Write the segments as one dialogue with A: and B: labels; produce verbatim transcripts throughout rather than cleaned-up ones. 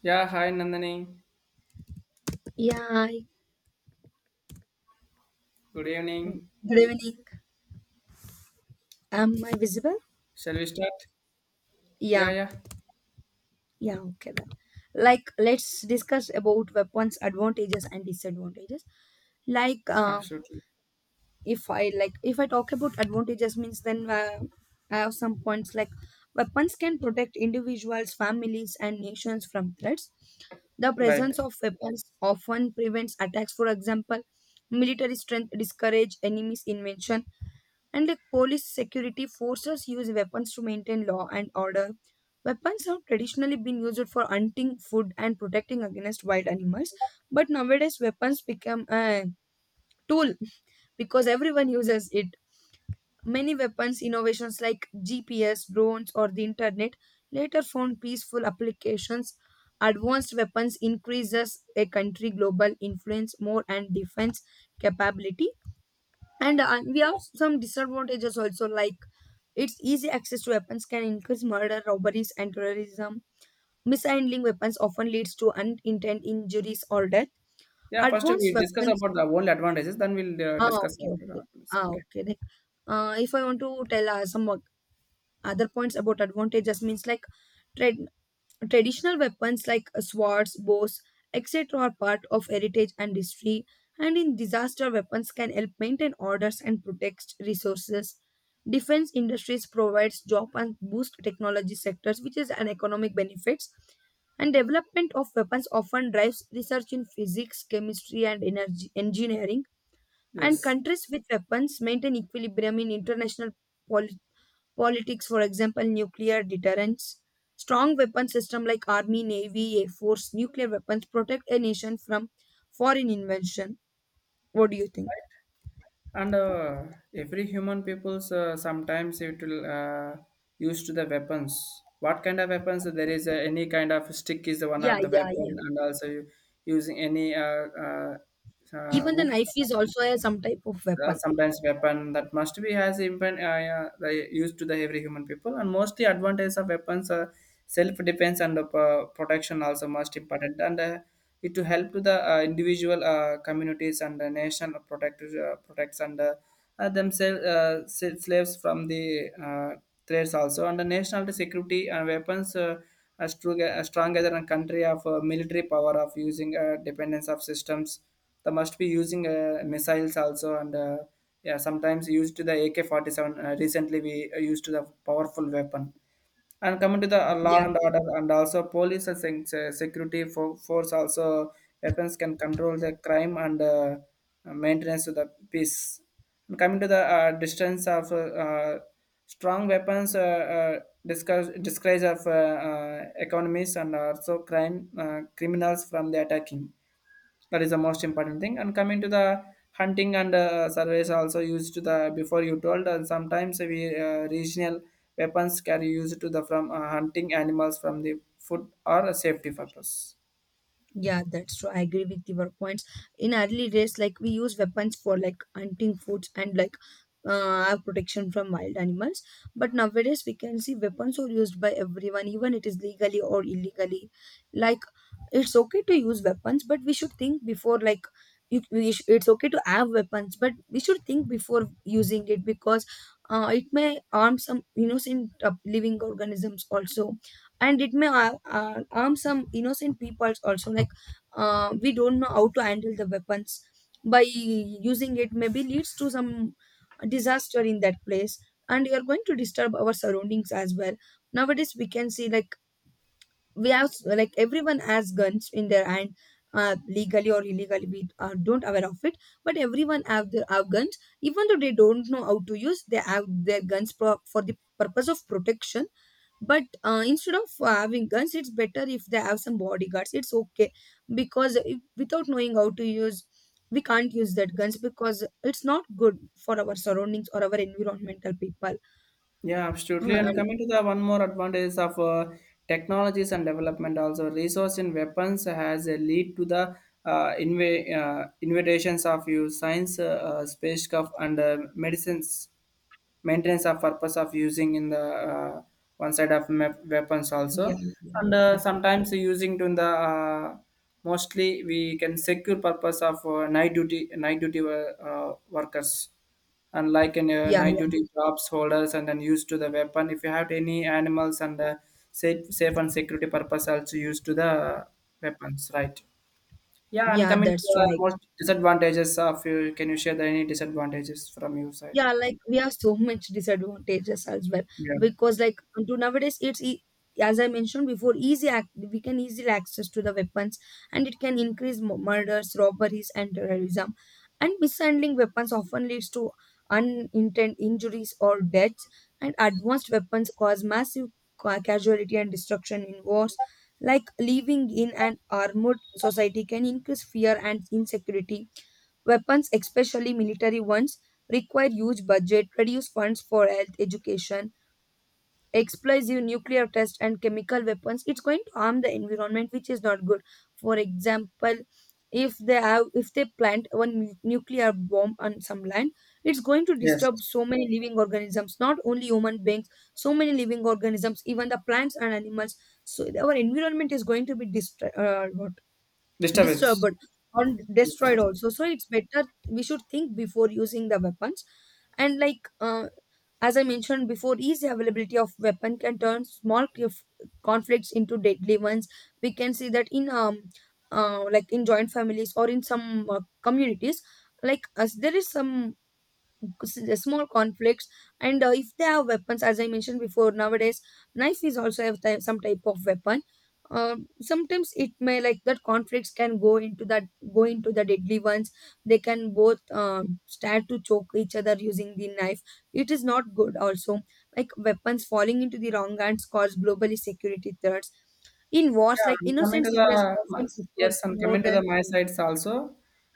A: Yeah, hi Nandini.
B: Yeah, I-
A: Good evening.
B: Good evening. Am I visible?
A: Shall we start?
B: Yeah,
A: Yeah, yeah,
B: yeah, Okay then. Like, let's discuss about weapons' advantages and disadvantages. Like, uh,
A: absolutely.
B: if I like, if I talk about advantages, means then uh, I have some points. Like, weapons can protect individuals, families, and nations from threats. The presence
A: Right.
B: of weapons often prevents attacks. For example, military strength discourage enemies' invention. And like police security forces use weapons to maintain law and order. Weapons have traditionally been used for hunting, food, and protecting against wild animals. But nowadays, weapons become a tool because everyone uses it. Many weapons innovations like G P S, drones, or the internet later found peaceful applications. Advanced weapons increases a country global influence more and defense capability, and uh, we have some disadvantages also, like its easy access to weapons can increase murder, robberies, and terrorism. Mishandling weapons often leads to unintended injuries or death.
A: Yeah, first
B: Advanced
A: we discuss
B: weapons.
A: about the only advantages, then we'll uh,
B: Ah,
A: discuss
B: okay,
A: after
B: okay.
A: that. It's
B: Ah,
A: okay.
B: okay. Like, uh, if I want to tell uh, some other points about advantages, means like trade traditional weapons like swords, bows, et cetera are part of heritage and history, and in disaster, weapons can help maintain orders and protect resources. Defense industries provides job and boost technology sectors, which is an economic benefits. And development of weapons often drives research in physics, chemistry, and energy engineering. And
A: Yes.
B: countries with weapons maintain equilibrium in international politics, for example, nuclear deterrence. Strong weapon system like army, navy, air force, nuclear weapons protect a nation from foreign invasion. What do you think?
A: And uh, every human people's uh, sometimes it will uh, used to the weapons. What kind of weapons? There is uh, any kind of stick is one
B: Yeah,
A: of the
B: yeah, yeah.
A: weapon, and also using any uh, uh, uh,
B: Even the
A: wood
B: knife is also a some type of
A: uh,
B: weapon.
A: sometimes weapon that must be has even uh, yeah, they used to the every human people, and mostly advantage of weapons uh, self defense and uh, protection also most important, and uh, it to help to the uh, individual uh, communities and the nation protect uh, protects and uh, uh, themselves uh, sa- slaves from the uh, threats also, and the national security and weapons uh, are strong, uh, strong as a country of uh, military power of using uh, dependence of systems, they must be using uh, missiles also, and uh, yeah, sometimes used to the A K forty-seven. Uh, recently, we uh, used to the powerful weapon. And coming to the uh, law
B: Yeah.
A: and order, and also police and sen- se- security for, force also, weapons can control the crime and uh, maintenance to the peace. And coming to the uh, distance of uh, uh, strong weapons, uh, uh, discuss, disguise of uh, uh, economies and also crime uh, criminals from the attacking, that is the most important thing. And coming to the hunting and uh, surveys also used to the before you told, and sometimes we uh, regional weapons can be used to the from uh, hunting animals from the food or safety purpose.
B: Yeah, that's true. I agree with your points. In early days, like we use weapons for like hunting foods and like uh, our protection from wild animals. But nowadays, we can see weapons are used by everyone, even it is legally or illegally. Like it's okay to use weapons, but we should think before like. You, we sh- it's okay to have weapons, but we should think before using it because uh, it may harm some innocent uh, living organisms also, and it may uh, uh, harm some innocent people also. Like uh, we don't know how to handle the weapons. By using it maybe leads to some disaster in that place, and you are going to disturb our surroundings as well. Nowadays we can see like we have like everyone has guns in their hand. Uh, legally or illegally, we are don't aware of it, but everyone have their have guns. Even though they don't know how to use, they have their guns pro- for the purpose of protection. But uh, instead of having guns, it's better if they have some bodyguards. It's okay, because if, without knowing how to use, we can't use that guns because it's not good for our surroundings or our environmental people.
A: Yeah, absolutely. And
B: And
A: coming to the one more advantage of uh, technologies and development, also resource in weapons has a lead to the uh, inv- uh, invitations of you science, uh, uh, spacecraft and uh, medicines maintenance of purpose of using in the uh, one side of map weapons
B: yeah,
A: also.
B: yeah,
A: And uh, sometimes using to in the uh, mostly we can secure purpose of uh, night duty night duty uh, uh, workers, and like in uh,
B: yeah,
A: night duty
B: yeah,
A: jobs holders, and then used to the weapon if you have any animals, and uh, safe safe and security purpose also used to the weapons, right? Yeah, and
B: yeah,
A: coming to
B: that's
A: the
B: right.
A: most disadvantages of, you can you share the, any disadvantages from your side?
B: Yeah, like we have so much disadvantages as well,
A: Yeah.
B: because like to nowadays it's e- as I mentioned before, easy ac- we can easily access to the weapons, and it can increase mu- murders, robberies, and terrorism. And mishandling weapons often leads to unintended injuries or deaths. And advanced weapons cause massive ca- casualty and destruction in wars. Like living in an armored society can increase fear and insecurity. Weapons, especially military ones, require huge budget, reduce funds for health, education, explosive nuclear tests and chemical weapons. It's going to harm the environment, which is not good. For example, if they have if they plant one nu- nuclear bomb on some land, it's going to
A: Yes.
B: disturb so many living organisms, not only human beings, so many living organisms, even the plants and animals. So our environment is going to be destroyed,
A: Disturbance.
B: disturbed or destroyed
A: Yes.
B: also. So it's better we should think before using the weapons. And like uh, as I mentioned before, easy availability of weapon can turn small conf- conflicts into deadly ones. We can see that in um uh, like in joint families or in some uh, communities, like as there is some s- uh, small conflicts. And uh, if they have weapons, as I mentioned before, nowadays knife is also have type, some type of weapon. Um Sometimes it may like that conflicts can go into that, go into the deadly ones. They can both um, start to choke each other using the knife. It is not good also. Like weapons falling into the wrong hands cause globally security threats. In wars,
A: Yeah,
B: like
A: I'm coming
B: innocent
A: to
B: civilians
A: the my-
B: often suffer
A: yes, I'm
B: more
A: coming to
B: than,
A: the my sides also.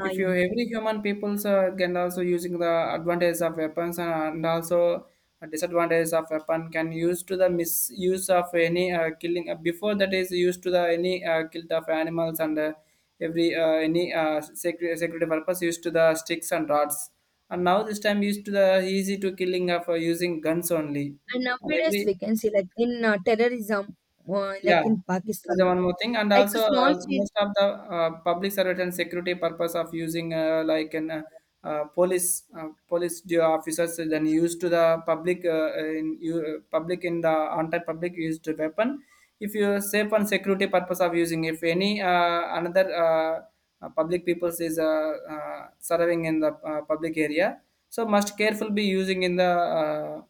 B: ah,
A: If
B: yeah,
A: you
B: yeah.
A: every human peoples uh, can also using the advantage of weapons, and, and also a disadvantage of weapon can use to the misuse of any uh, killing, uh, before that is used to the any uh, kill of animals and uh, every uh, any uh, security security purpose used to the sticks and rods, and now this time used to the easy to killing of uh, using guns only,
B: And
A: and
B: nowadays
A: every...
B: we can see like in uh, terrorism, uh, like
A: Yeah,
B: in
A: it is
B: Pakistan,
A: one more thing, and
B: like a
A: also
B: small
A: uh,
B: child.
A: most of the uh, public service and security purpose of using uh, like an uh, uh, police uh, police du- officers, then used to the public uh, in you, uh, public in the anti-public used to weapon. If you safe and security purpose of using, if any uh, another uh, uh, public peoples is uh, uh, serving in the uh, public area, so must careful be using in the, Uh,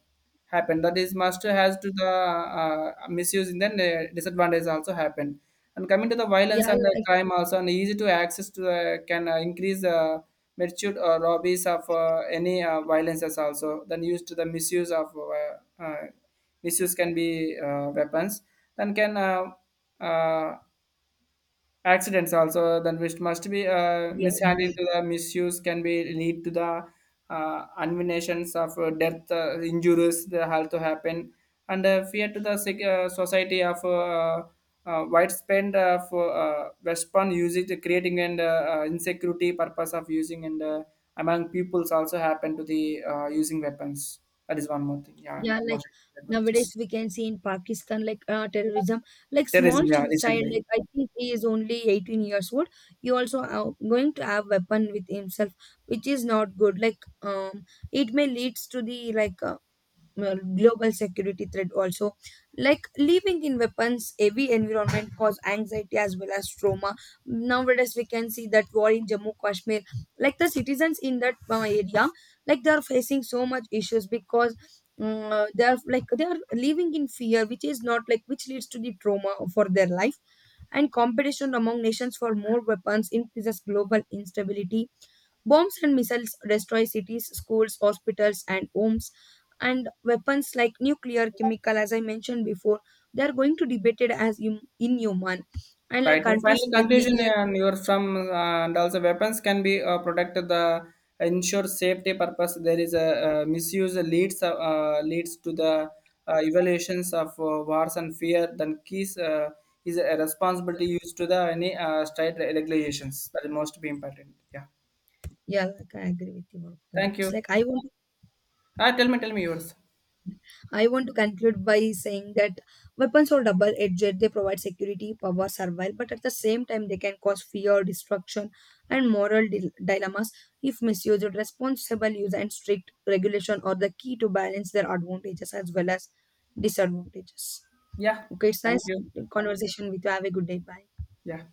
A: happened that is master has to the uh, misuse, and then uh, disadvantage also happened. And coming to the violence
B: Yeah,
A: and the
B: like
A: crime also, and easy to access to uh, can uh, increase uh, magnitude or robberies of uh, any uh, violences also, then used to the misuse of uh, uh, misuse can be uh, weapons, then can uh, uh, accidents also, then which must be uh,
B: yeah, yeah,
A: mishandled, to the misuse can be lead to the uh, unminations of uh, death, uh, injuries, the health to happen. And uh, fear to the sec- uh, society of uh, uh, widespread of uh, weapon usage creating, and uh, uh, insecurity purpose of using, and uh, among peoples also happen to the uh, using weapons. That is one more thing. Yeah,
B: yeah, like
A: most advantages.
B: nowadays we can see in Pakistan like uh, terrorism, like small
A: Terrorism, yeah,
B: chil- child,
A: recently.
B: like I think he is only eighteen years old. He also uh, going to have weapon with himself, which is not good. Like um, it may leads to the like uh, uh, global security threat also. Like living in weapons heavy environment cause anxiety as well as trauma. Nowadays we can see that war in Jammu Kashmir, like the citizens in that uh, area, like they are facing so much issues because uh, they are like they are living in fear, which is not like which leads to the trauma for their life. And competition among nations for more weapons increases global instability. Bombs and missiles destroy cities, schools, hospitals, and homes. And weapons like nuclear, chemical, as I mentioned before, they are going to debated as in, inhuman. And like
A: Right. And
B: countries
A: finally,
B: spend
A: conclusion, uh,
B: millions.
A: and your from, uh, and also weapons can be uh, protected, the ensure safety purpose. There is a uh, misuse leads uh, uh, leads to the uh, evaluations of uh, wars and fear. Then keys uh, is a responsibility used to the any uh, state regulations, that is most be important. Yeah.
B: Yeah, like I agree with your
A: Thank
B: points.
A: you.
B: Like I want
A: Ah, tell me, tell me yours.
B: I want to conclude by saying that weapons are double edged. They provide security, power, survival, but at the same time, they can cause fear, destruction, and moral dil- dilemmas if misused. Responsible use and strict regulation are the key to balance their advantages as well as disadvantages.
A: Yeah.
B: Okay, it's
A: Thank
B: nice
A: you.
B: conversation with you. Have a good day. Bye.
A: Yeah.